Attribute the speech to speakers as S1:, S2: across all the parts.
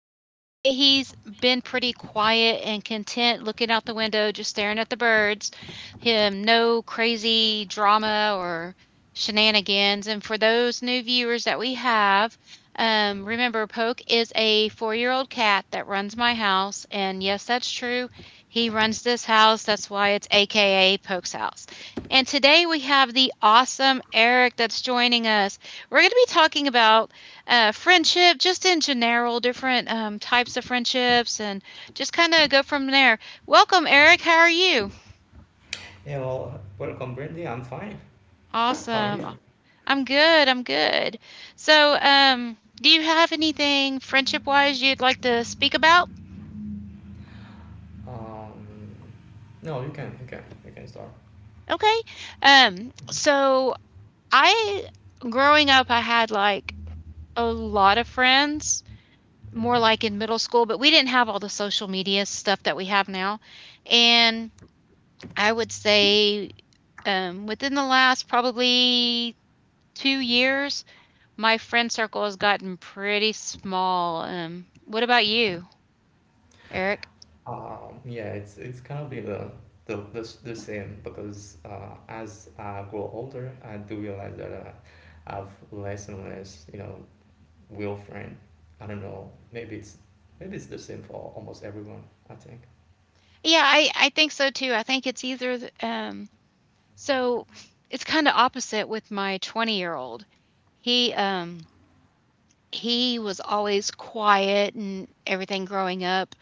S1: he's been pretty quiet and content looking out the window, just staring at the birds. Him, no crazy drama or shenanigans. And for those new viewers that we have, remember, Poke is a 4 year old cat that runs my house. And yes, that's true. He runs this house. That's why it's AKA Poke's house. And today we have the awesome Eric that's joining us. We're going to be talking about friendship, just in general, different types of friendships, and just kind of go from there. Welcome, Eric. How are you?
S2: Yeah, well, welcome, Brandy. I'm fine. How are
S1: Awesome.
S2: you?
S1: I'm good. I'm good. So, do you have anything friendship wise you'd like to speak about?
S2: Um, no, you can, you can start.
S1: Okay. So I, growing up, I had like a lot of friends, more
S2: hmm
S1: like in middle school, but we didn't have all the social media stuff that we have now. And I would say, within the last probably 2 years, my friend circle has gotten pretty small. What about you, Eric?
S2: Yeah, it's kind of be the same because as I grow older, I do realize that I've less and less, you know, real friend. I don't know. Maybe it's the same for almost everyone. I think.
S1: Yeah, I think so too. I think it's either th so it's kinda opposite with my 20-year-old. He, um, he was always quiet and everything growing up,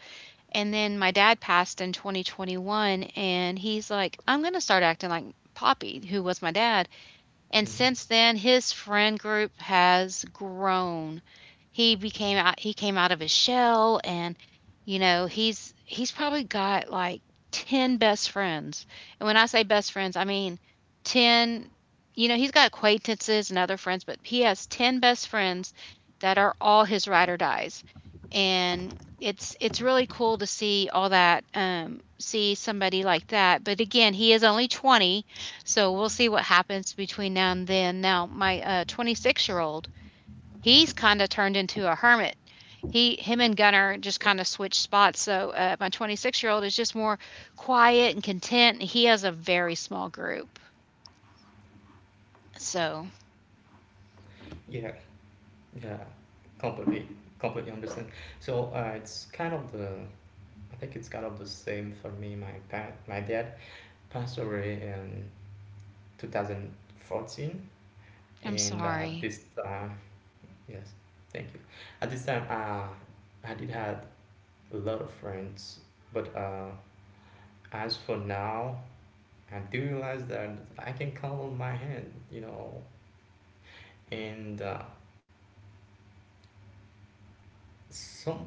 S1: and then my dad passed in 2021, and he's like, "I'm gonna start acting like Poppy," who was my dad. And
S2: hmm
S1: since then, his friend group has grown. He came out of his shell, and, you know, he's probably got like 10 best friends. And when I say best friends, I mean 10. You know, he's got acquaintances and other friends, but he has 10 best friends that are all his ride or dies. And it's really cool to see somebody like that. But again, he is only 20, so we'll see what happens between now and then. Now, my 26-year-old, he's kind of turned into a hermit. He, him and Gunnar just kind of switched spots. So my 26-year-old is just more quiet and content. And He has a very small group. So
S2: Yeah, yeah, completely, completely understand. So it's kind of the I think it's kind of the same for me. My dad passed away in 2014,
S1: I'm
S2: and at
S1: sorry.
S2: this time, yes, thank you. At this time, I did had a lot of friends, but as for now, I do realize that I can count on my hand, you know, and some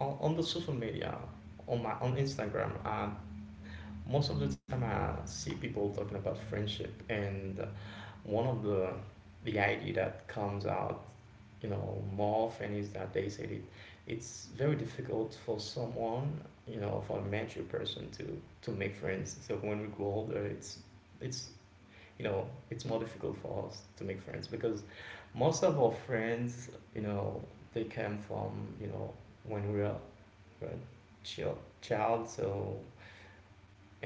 S2: on the social media, on Instagram, most of the time I see people talking about friendship and. One of the idea that comes out, you know, more often is that they said it, it's very difficult for someone, you know, for a mature person to make friends. So when we grow older, it's you know it's more difficult for us to make friends because most of our friends, you know, they came from you know when we were child, so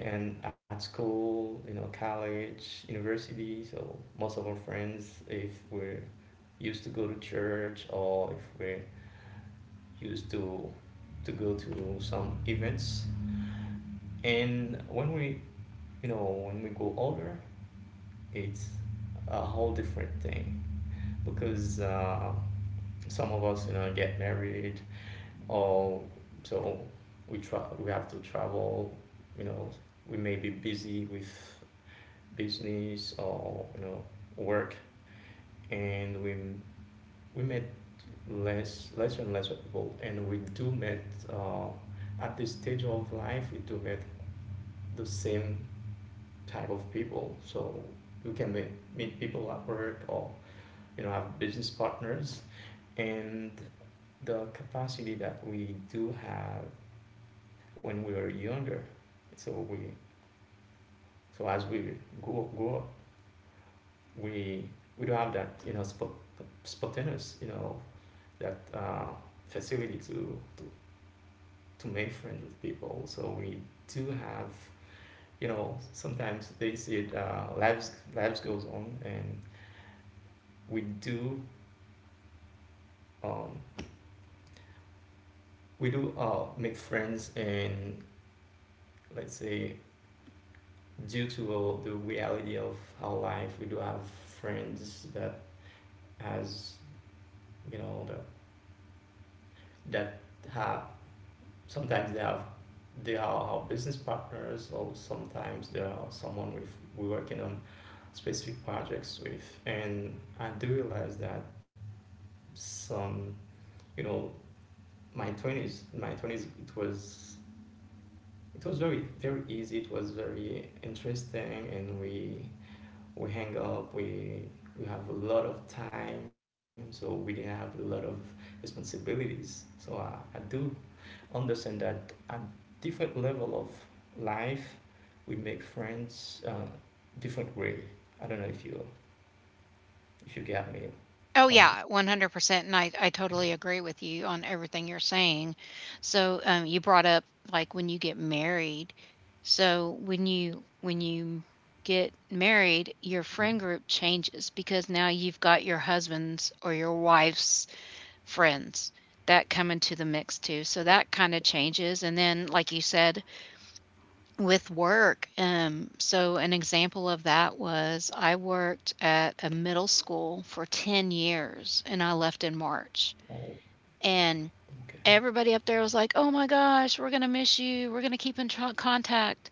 S2: and at school, you know, college, university. So most of our friends, if we're used to go to church or if we're used to go to some events, and you know, when we go older, it's a whole different thing because some of us, you know, get married or so we have to travel. You know, we may be busy with business or you know work and we met less and less people and we do met uh, at this stage of life we do meet the same type of people so you can meet people at work or you know have business partners and the capacity that we do have when we were younger so we so as we grow up we we don't have that you know sp spontaneous you know that facility to make friends with people. So we do have you know sometimes they see it, lives goes on and we do um, we do make friends and let's say due to the reality of our life we do have friends that has you know that that have sometimes they have they are our business partners or sometimes they are someone we working on specific projects with, and I do realize that some, you know, my twenties, it was very very easy. It was very interesting, and we hang up. We have a lot of time, so we didn't have a lot of responsibilities. I do understand that at different level of life, we make friends different way. I don't know if you get me
S1: Oh,
S2: on.
S1: yeah, 100%, and I totally agree with you on everything you're saying. So, you brought up, like, when you get married. So, when you get married, your friend
S2: Yeah.
S1: group changes because now you've got your husband's or your wife's friends that come into the mix too, so that kinda changes, and then, like you said, with work. So an example of that was I worked at a middle school for 10 years and I left in March.
S2: Oh,
S1: And
S2: okay.
S1: everybody up there was like, "Oh my gosh, we're gonna miss you. We're gonna keep in tr contact."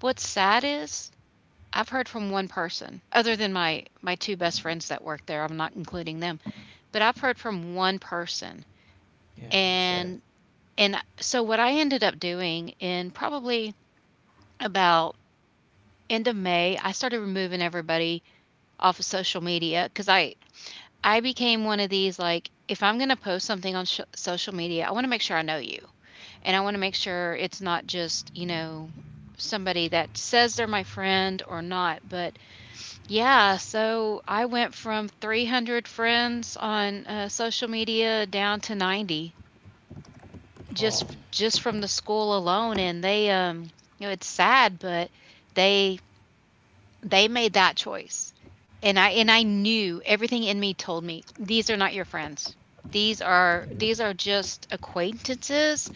S1: What's sad is I've heard from one person, other than my 2 best friends that work there, I'm not including them, but I've heard from one person.
S2: Yeah, it's sad.
S1: And and so what I ended up doing in probably about end of May, I started removing everybody off of social media, because I became one of these, like, if I'm gonna post something on sh social media, I wanna make sure I know you, and I wanna make sure it's not just, you know, somebody that says they're my friend or not. But yeah, so I went from 300 friends on, social media down to 90,
S2: Oh,
S1: just from the school alone, and they, you know, it's sad, but they they made that choice. And I knew everything in me told me these are not your friends. These are
S2: mm,
S1: these are just acquaintances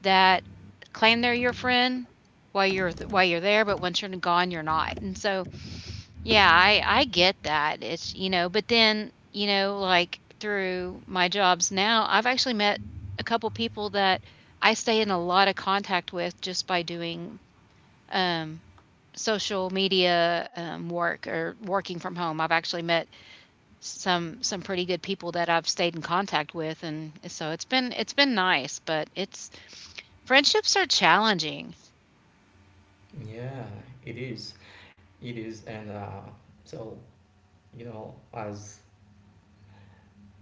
S1: that claim they're your friend while you're there, but once you're gone, you're not. And so, yeah, I get that. It's, you know, but then, you know, like through my jobs now, I've actually met a couple people that I stay in a lot of contact with just by doing um social media work or working from home. I've actually met some pretty good people that I've stayed in contact with, and so it's been nice. But it's friendships are challenging.
S2: yeah, it is. It is, and so you know, as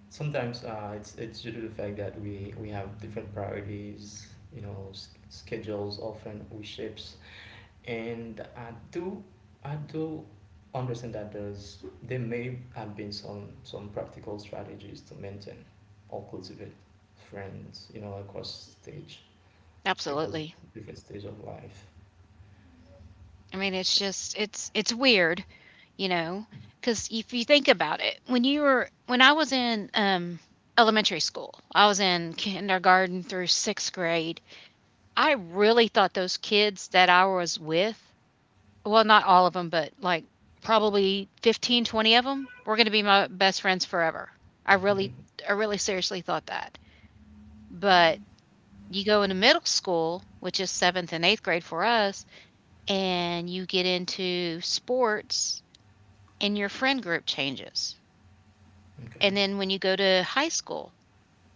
S2: sometimes it's due to the fact that we have different priorities. You know, schedules often we shapes, and I do understand that there's there may have been some practical strategies to maintain or cultivate friends. You know, across
S1: Absolutely.
S2: different stage of life.
S1: I mean, it's just it's weird, you know, because if you think about it, when you were when I was in elementary school, I was in kindergarten through sixth grade. I really thought those kids that I was with, not all of them, but, like, probably 15, 20 of 'em were gonna be my best friends forever. I really I really seriously thought that. But you go into middle school, which is 7th and 8th grade for us, and you get into sports, and your friend group changes.
S2: Okay.
S1: And then when you go to high school,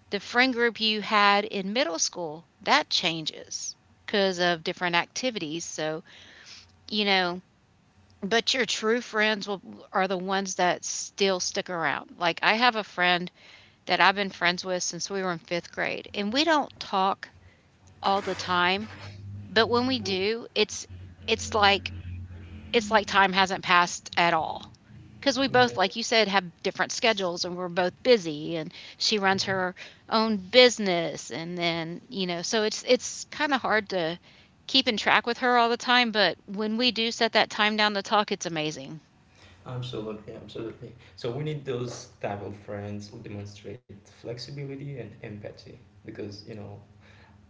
S1: the friend group you had in middle school, that changes because of different activities. So, you know, but your true friends will are the ones that still stick around. Like, I have a friend that I've been friends with since we were in 5th grade, and we don't talk all the time, but when we do, it's like time hasn't passed at all, because we both,
S2: Yeah.
S1: like you said, have different schedules and we're both busy, and she runs
S2: Mhm.
S1: her own business, and then, you know, so it's kinda hard to keep in track with her all the time, but when we do set that time down to talk, it's amazing.
S2: Absolutely, absolutely. So we need those type of friends who demonstrate flexibility and empathy because you know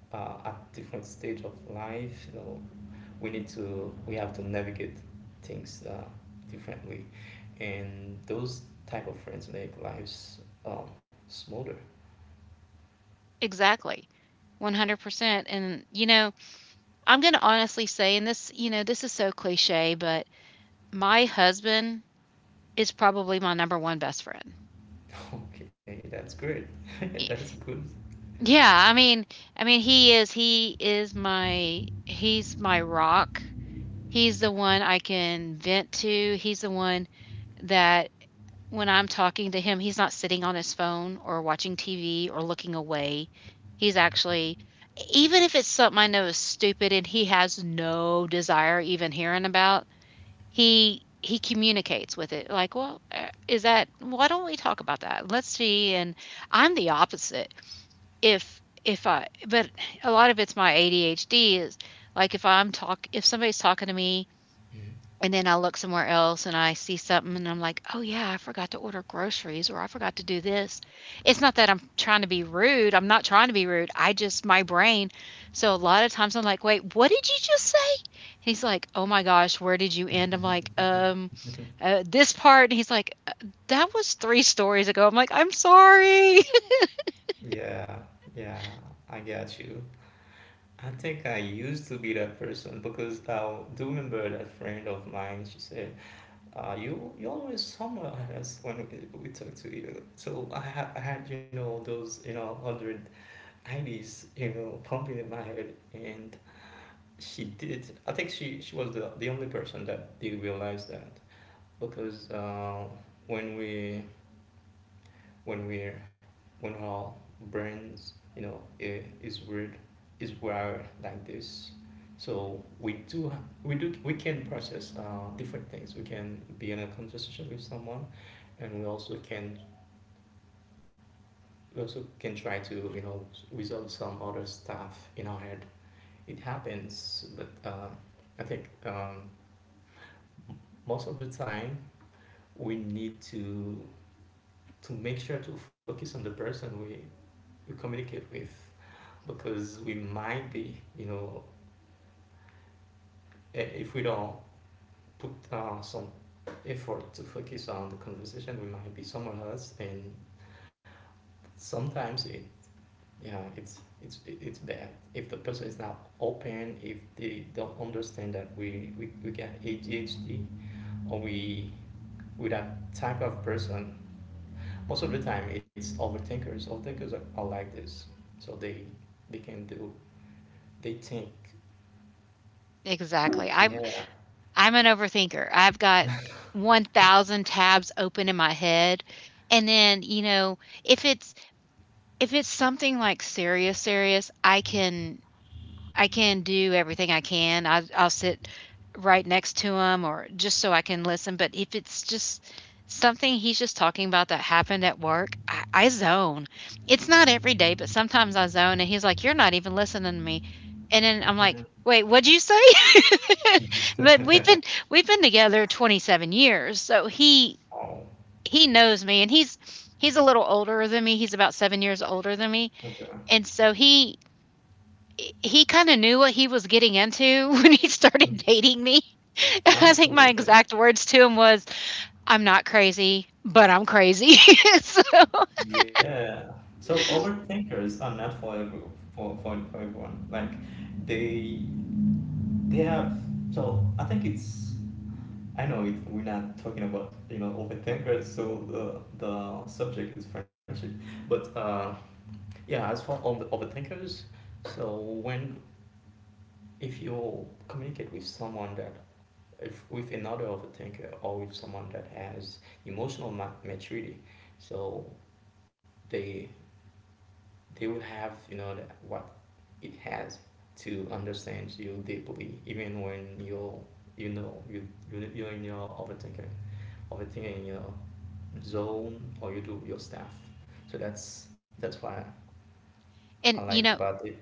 S2: at different stage of life, you know, we have to navigate things differently, and those type of friends make lives smoother.
S1: Exactly. 100%. And, you know, I'm going to honestly say, and this, you know, this is so cliche, but my husband is probably my number one best friend.
S2: Okay, that's great.
S1: Y-
S2: That's good.
S1: Yeah, I mean, he is, he's my rock. He's the one I can vent to. He's the one that when I'm talking to him, he's not sitting on his phone or watching TV or looking away. He's actually, even if it's something I know is stupid and he has no desire even hearing about, he communicates with it, like, "Well, is that, why don't we talk about that? Let's see." And I'm the opposite. If I but A lot of it's my ADHD, is like, if somebody's talking to me and
S2: Mhm.
S1: then I look somewhere else and I see something and I'm like, "Oh, yeah, I forgot to order groceries, or I forgot to do this." It's not that I'm trying to be rude. I'm not trying to be rude. I just my brain so a lot of times I'm like, "Wait, what did you just say?" And he's like, "Oh my gosh, where did you end?" I'm like, " this part." And he's like, that was 3 stories ago." I'm like, "I'm sorry."
S2: Yeah, yeah, I got you. I think I used to be that person because I do remember that friend of mine. She said, "You you always somewhere else when we talk to you." I had you know those you know hundred ideas, you know pumping in my head, and she did. I think she was the only person that did realize that because when we when we're when our brains you know is weird is wired like this so we do we can process different things we can be in a conversation with someone and we also can try to you know resolve some other stuff in our head it happens but I think most of the time we need to make sure to focus on the we communicate with because we might be, you know, if we don't put some effort to focus on the conversation, we might be somewhere else. And sometimes it, yeah, it's bad if the person is not open, if they don't understand that we get ADHD or we that type of person. Most of the time, it's overthinkers. Overthinkers are like this, so they can do they think,
S1: Exactly. I'm
S2: yeah,
S1: I'm an overthinker. I've got 1,000 tabs open in my head. And then, you know, if it's, if it's something, like, serious, serious, I can do everything I can. I I'll sit right next to him or just so I can listen, but if it's just something he's just talking about that happened at work, I zone. It's not every day, but sometimes I zone, and he's like, "You're not even listening to me," and then I'm like, "Wait, what'd you say?" But we've been together 27 years, so
S2: oh,
S1: he knows me, and he's a little older than me. He's about 7 years older than me,
S2: okay.
S1: and so he kind of knew what he was getting into when he
S2: Okay.
S1: started dating me. I think my
S2: Absolutely.
S1: exact words to him was, "I'm not crazy, but I'm crazy." So,
S2: Yeah. So overthinkers are not for for everyone. Like they they have so I think it's I know it, we're not talking about you know overthinkers. So the subject is friendship, but yeah. As for overthinkers, so when if you communicate with someone that if with another overthinker or with someone that has emotional maturity, so they they will have you know what it has to understand you deeply even when you know you're in your overthinking you know zone or you do your stuff so that's why
S1: and
S2: I
S1: you
S2: like
S1: know,
S2: about it.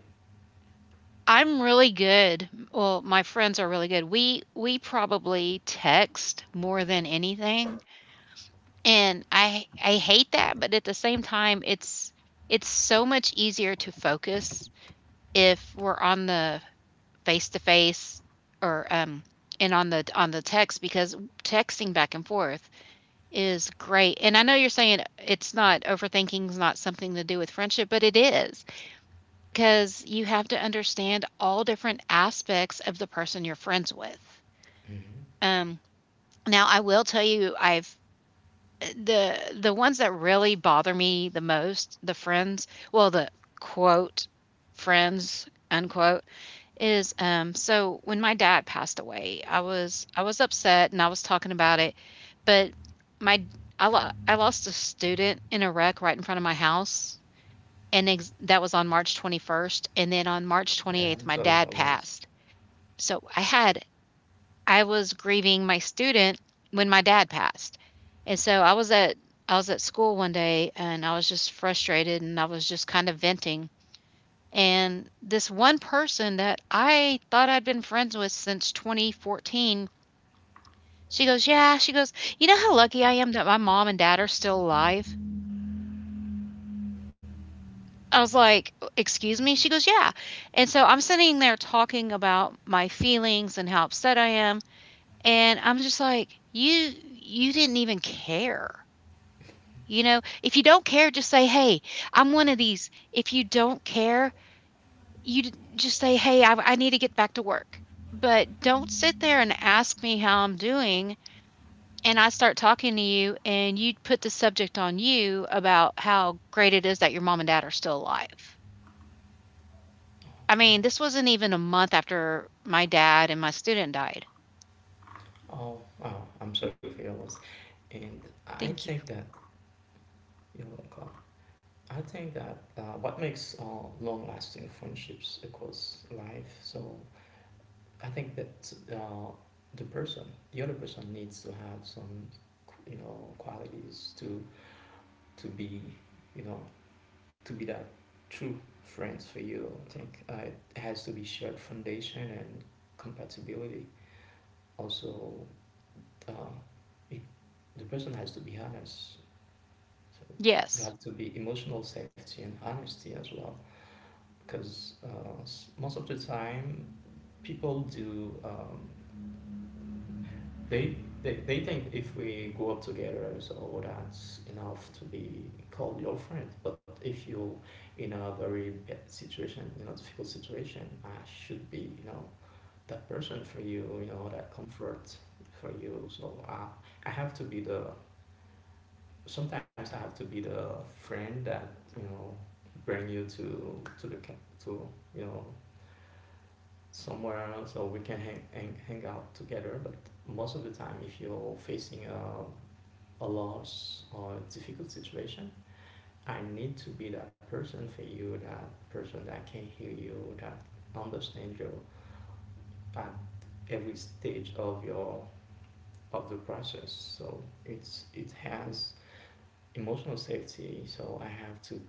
S1: I'm really good. Well, my friends are really good. We probably text more than anything, and I hate that, but at the same time, it's so much easier to focus if we're on the face to face, or and on the text, because texting back and forth is great. And I know you're saying it's not, overthinking is not something to do with friendship, but it is, because you have to understand all different aspects of the person you're friends with.
S2: Hmm.
S1: Um, Now I will tell you, I've the ones that really bother me the most, the friends, well, the quote friends unquote is, when my dad passed away, I was upset and I was talking about it, but my I I lost a student in a wreck right in front of my house and that was on March 21st, and then on March
S2: Yeah,
S1: 28th
S2: I'm
S1: my
S2: sorry
S1: dad
S2: for loss.
S1: passed. So I had, I was grieving my student when my dad passed. And so I was at school one day and I was just frustrated and I was just kind of venting. And this one person that I thought I'd been friends with since 2014, she goes, "Yeah." She goes, "You know how lucky I am that my mom and dad are still alive?" I was like, "Excuse me?" She goes, "Yeah." And so I'm sitting there talking about my feelings and how upset I am, and I'm just like, "You didn't even care." You know, if you don't care, just say, "Hey, I'm one of these." If you don't care, just say, "Hey, I need to get back to work." But don't sit there and ask me how I'm doing, and I start talking to you, and you put the subject on you about how great it is that your mom and dad are still alive. I
S2: Okay.
S1: mean, this wasn't even a month after my dad and my student died.
S2: Oh, oh I'm sorry for your loss and I
S1: Thank you.
S2: think that you're welcome. I think that what makes long-lasting friendships across life so I think that the person, the other person, needs to have some, you know, qualities to be, you know, to be that true friends for you. I think it has to be shared foundation and compatibility. Also, uh, it, the person has to be honest. So you
S1: Yes.
S2: have to be emotional safety and honesty as well, because most of the time people do. They, they think if we grow up together, so that's enough to be called your friend. But if you in a very bad situation, in a difficult situation, I should be you know that person for you, you know that comfort for you. I have to be the sometimes I have to be the friend that you know bring you to the to you know somewhere so we can hang out together. But most of the time, if you're facing a loss or a difficult situation, I need to be that person for you, that person that can hear you, that understand you at every stage of your of the process. So it has emotional safety. So I have to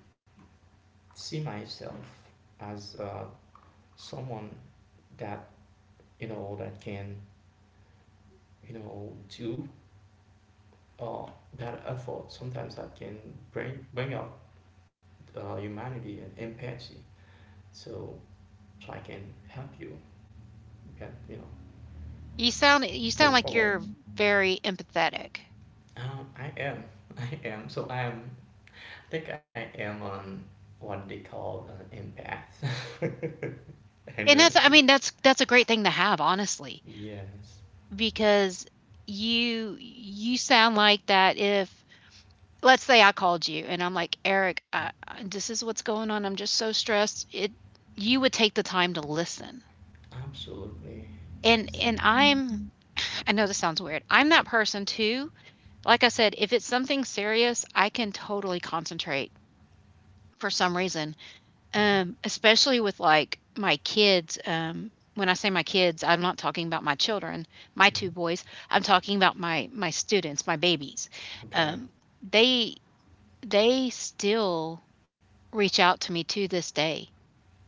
S2: see myself as someone that you know that can you know do uh, that effort. Sometimes that can bring up humanity and empathy. So so I can help you. You can you know
S1: You sound
S2: move
S1: like you're
S2: forward.
S1: very empathetic.
S2: I am, I am. So I am. I think I am on what they call an empath. I
S1: And
S2: know
S1: that's, I
S2: you.
S1: mean, that's a great thing to have, honestly.
S2: Yes,
S1: Because you sound like that if let's say I called you and I'm like, "Eric, this is what's going on. I'm just so stressed." It You would take the time to listen.
S2: absolutely.
S1: And
S2: Yes.
S1: and I know this sounds weird. I'm that person too. Like I said, if it's something serious, I can totally concentrate for some reason.
S2: Mhm,
S1: Especially with, like, my kids, when I say my kids, I'm not talking about my children, my
S2: mhm.
S1: 2 boys, I'm talking about my students, my babies.
S2: Okay.
S1: Um, they they still reach out to me to this day.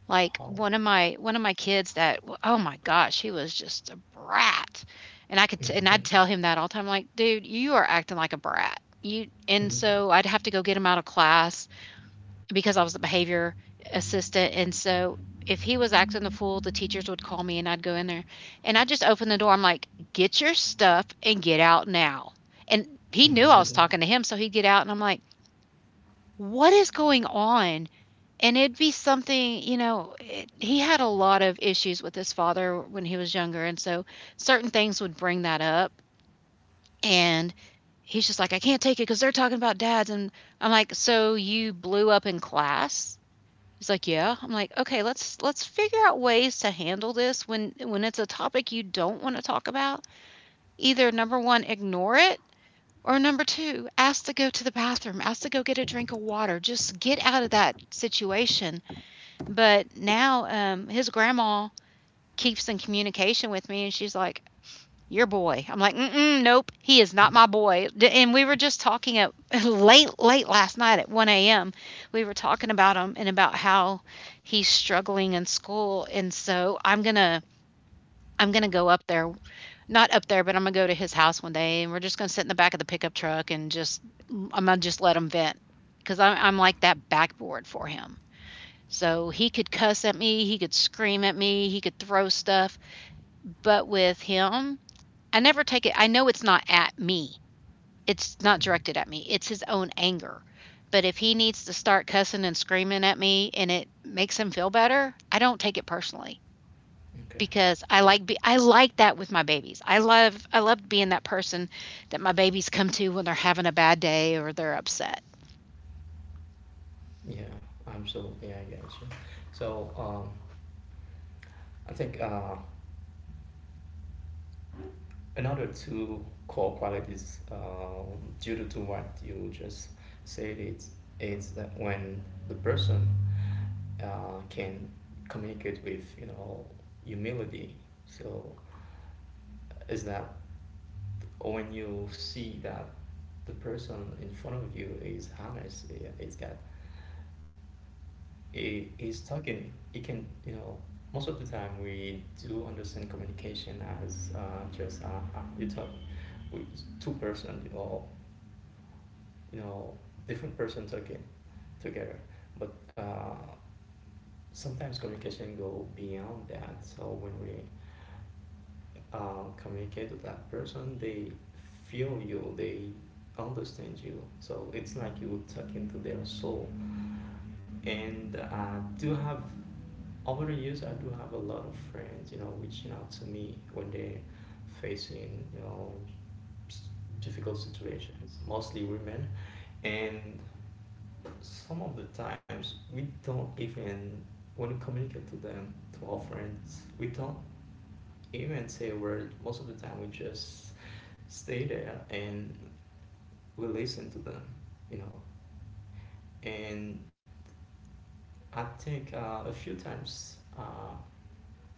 S1: Like,
S2: Oh.
S1: one of my kids that oh my gosh, he was just a brat, and I could t and I'd tell him that all the time, like, "Dude, you are acting like a brat." You And
S2: Mhm,
S1: so I'd have to go get him out of class because I was the behavior assistant. And so if he was acting the fool, the teachers would call me and I'd go in there and I just open the door. I'm like, get your stuff and get out now. And
S2: mhm,
S1: he knew I
S2: mhm.
S1: was talking to him. So he'd get out and I'm like, what is going on? And it'd be something, you know, he had a lot of issues with his father when he was younger. And so certain things would bring that up. And he's just like, I can't take it because they're talking about dads. And I'm like, so you blew up in class? He's like, "Yeah." I'm like, "Okay, let's figure out ways to handle this when it's a topic you don't want to talk about. Either number 1, ignore it, or number 2, ask to go to the bathroom, ask to go get a drink of water. Just get out of that situation." But now his grandma keeps in communication with me and she's like, your boy. I'm like, nope, he is not my boy. And we were just talking at late, late last night at 1 a.m. We were talking about him and about how he's struggling in school. And so I'm gonna go up there, not up there, but I'm gonna go to his house one day, and we're just gonna sit in the back of the pickup truck and just, I'm gonna just let him vent because I'm like that backboard for him. So he could cuss at me, he could scream at me, he could throw stuff, but with him, I never take it, I know it's not at me. It's not
S2: Mhm.
S1: directed at me. It's his own anger. But if he needs to start cussing and screaming at me and it makes him feel better, I don't take it personally because
S2: Okay.
S1: I like that with my babies. I love being that person that my babies come to when they're having a bad day or they're upset.
S2: Yeah, absolutely. I get you. So, I think another two core qualities due to what you just said it's is that when the person can communicate with you know humility so is that when you see that the person in front of you is honest it's got it is talking it can you know most of the time we do understand communication as just you talk with two person you know different person talking together but sometimes communication go beyond that so when we communicate with that person, they feel you, they understand you. So it's like you tuck into their soul. And I do have, over the years, I do have a lot of friends, you know, reaching out to me when they're facing, you know, s- difficult situations, mostly women. And some of the times we don't even, when we communicate to them, to our friends, we don't even say a word. Most of the time we just stay there and we listen to them, you know. And I think a few times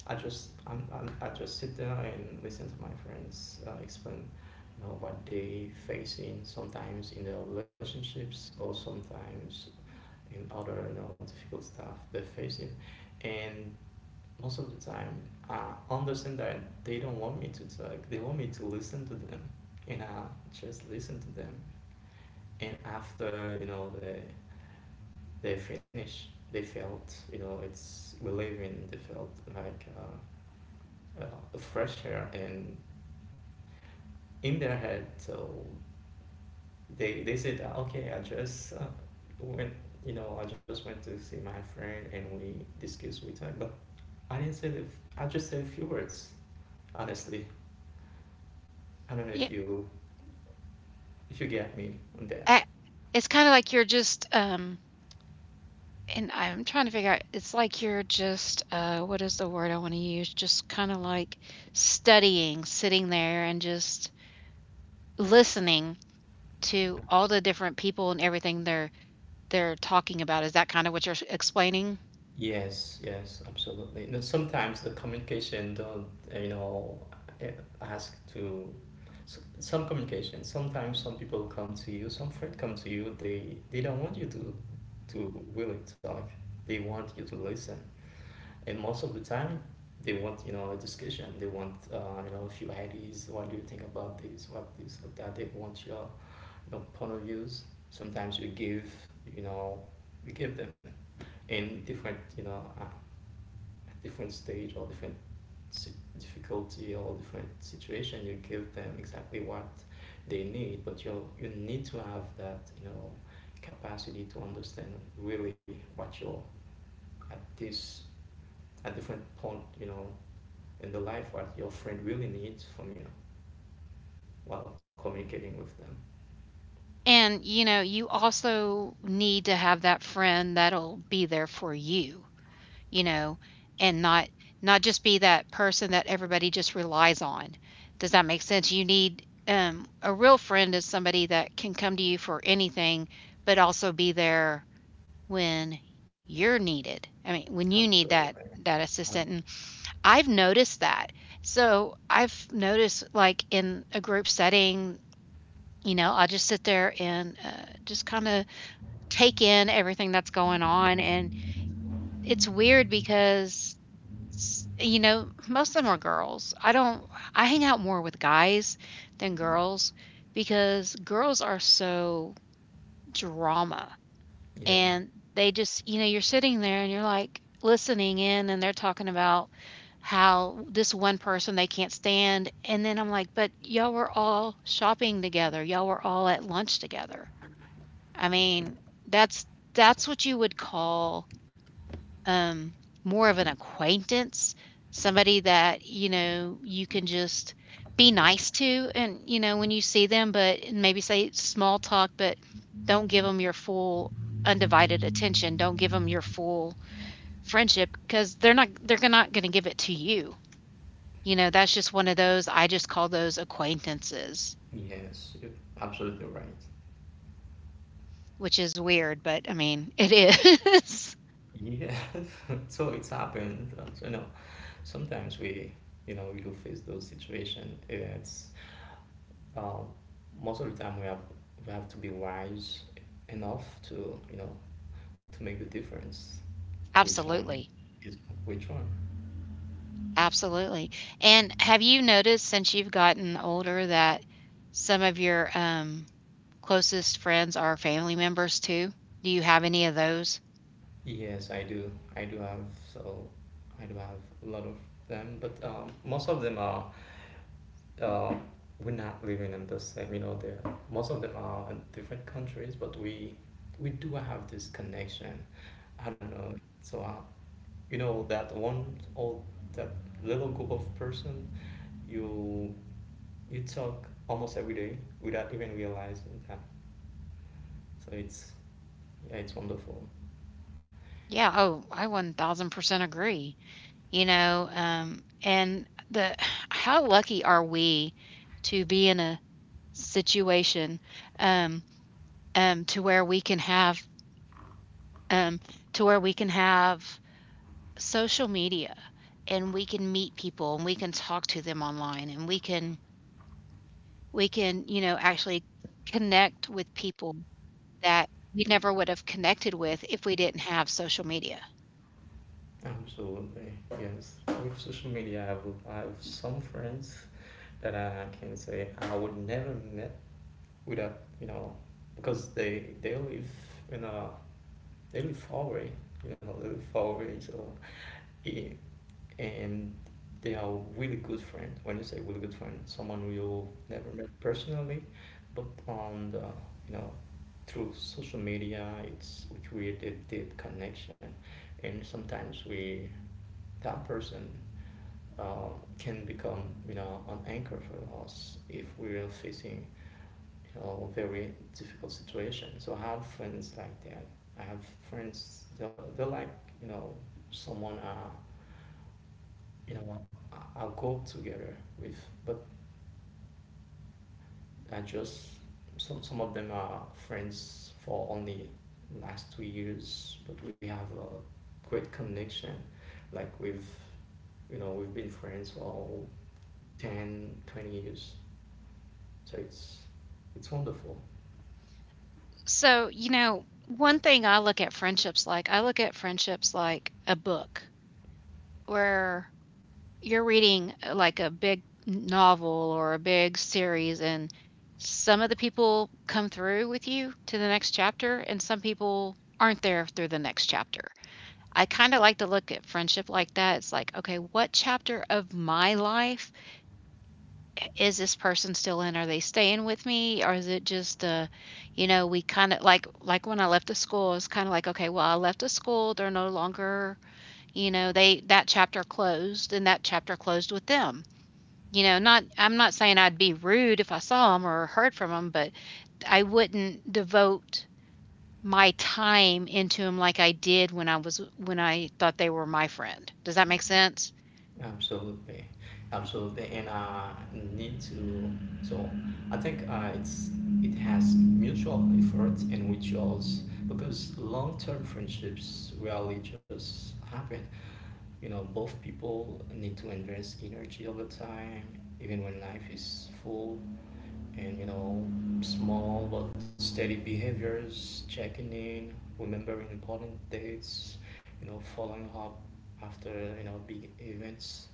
S2: I just sit there and listen to my friends explain, you know, what they facing sometimes in their relationships or sometimes in other you know difficult stuff they're facing, and most of the time I understand that they don't want me to talk. They want me to listen to them, and I just listen to them, and after you know they finish they felt you know it's relieving. They felt like uh, a fresh air and in their head. So they said that okay, I just went, you know, I just went to see my friend and we discussed with her, but I didn't say the, I just said a few words. Honestly, I don't know
S1: Yeah,
S2: if you, if you get me on that.
S1: I, it's kind of like you're just and I'm trying to figure out it's like you're just what is the word I want to use? Just kind of like studying, sitting there and just listening to all the different people and everything they're talking about. Is that kind of what you're explaining?
S2: Yes, yes, absolutely. You know, sometimes the communication don't, you know, uh, ask to some communication. Sometimes some people come to you, some friend come to you. They don't want you to really talk. They want you to listen. And most of the time, they want you know a discussion. They want you know a few ideas. What do you think about this? What this or that? They want your you know, point of views. Sometimes you give you know you give them in different you know different stage or different si- difficulty or different situation, you give them exactly what they need, but you need to have that you know capacity to understand really what you're at this at different point you know in the life what your friend really needs from you while communicating with them.
S1: And you know, you also need to have that friend that'll be there for you, you know, and not just be that person that everybody just relies on. Does that make sense? You need a real friend is somebody that can come to you for anything, but also be there when you're needed. I mean, when you need that
S2: Absolutely. Ab-
S1: assistant. And I've noticed that. So I've noticed like in a group setting, you know, I just sit there and just kind of take in everything that's going on. And it's weird because S you know, most of them are girls. I don't I hang out more with guys than
S2: Mhm.
S1: girls because girls are so drama,
S2: Yeah.
S1: and they just, you know, you're sitting there and you're like listening in and they're talking about how this one person they can't stand. And then I'm like, but y'all were all shopping together. Y'all were all at lunch together. I mean, that's that's what you would call um, more of an acquaintance, somebody that, you know, you can just be nice to and, you know, when
S2: Mm-hmm.
S1: you see them, but maybe say small talk, but don't give them your full undivided attention. Don't give them your full friendship because they're not going to give it to you. You know, that's just one of those I just call those acquaintances,
S2: Yes, you're absolutely right.
S1: which is weird, but I mean, it is.
S2: Yeah. So it's happened you know sometimes we you know we do face those situations. It's um, most of the time we have to be wise enough to you know to make the difference which one
S1: Absolutely.
S2: is which one.
S1: Absolutely. And have you noticed since you've gotten older that some of your closest friends are family members too? Do you have any of those?
S2: Yes, I do. I do have, so I do have a lot of them, but most of them are uh, we're not living in the same you know. They're most of them are in different countries, but we do have this connection, I don't know. So you know that one old, that little group of person you you talk almost every day without even realizing that. So it's, yeah, it's wonderful.
S1: Yeah. Oh, I 1,000% agree. You know, and the how lucky are we to be in a situation um, um, to where we can have um, to where we can have social media, and we can meet people and we can talk to them online and we can you know, actually connect with people that we never would have connected with if we didn't have social media.
S2: Absolutely. Yes, with social media I have, I have some friends that I can say I would never met without, you know, because they live in a, they live far away, you know, they live far away. So it, and they are really good friend. When you say really good friend, someone you never met personally, but on the you know through social media, it's we create a deep connection, and sometimes we that person uh, can become you know an anchor for us if we're facing you know very difficult situation. So I have friends like that. I have friends they're like you know someone you know I- I'll go together with, but I just some of them are friends for only last 2 years, but we have a great connection like we've you know we've been friends for 10, 20 years. So it's wonderful.
S1: So, you know, one thing I look at friendships like, I look at friendships like a book where you're reading like a big novel or a big series, and some of the people come through with you to the next chapter, and some people aren't there through the next chapter. I kind of like to look at friendship like that. It's like, okay, what chapter of my life is this person still in? Are they staying with me? Or is it just, you know, we kind of like when I left the school, it's kind of like, okay, well, I left the school. They're no longer, you know, that chapter closed and that chapter closed with them. You know, not, I'm not saying I'd be rude if I saw them or heard from them, but I wouldn't devote my time into them like I did when I was, when I thought they were my friend. Does that make sense?
S2: Absolutely, absolutely, and need to. So, I think it's it has mutual effort and rituals because long-term friendships rarely just happen. You know, both people need to invest energy over time, even when life is full. And you know, small but steady behaviors, checking in, remembering important dates, you know, following up after you know big events,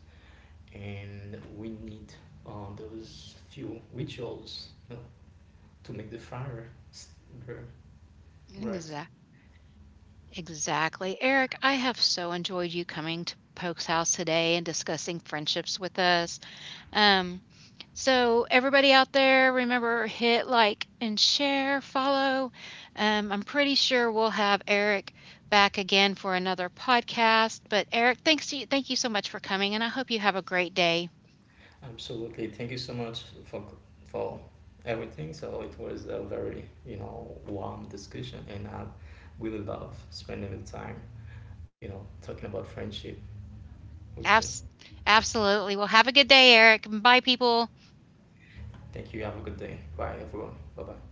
S2: and we need those few rituals you know, to make the fire burn bright.
S1: Exactly. Eric, I have so enjoyed you coming to Poke's house today and discussing friendships with us. Um, so everybody out there, remember hit like and share, follow. I'm pretty sure we'll have Eric back again for another podcast. But Eric, thanks to you, thank you so much for coming, and I hope you have a great day.
S2: Absolutely. Thank you so much for everything. So it was a very you know warm discussion, and I really love spending the time you know talking about friendship with you.
S1: Abs- absolutely. Well, have a good day, Eric. Bye, people.
S2: Thank you. Have a good day. Bye, everyone. Bye bye.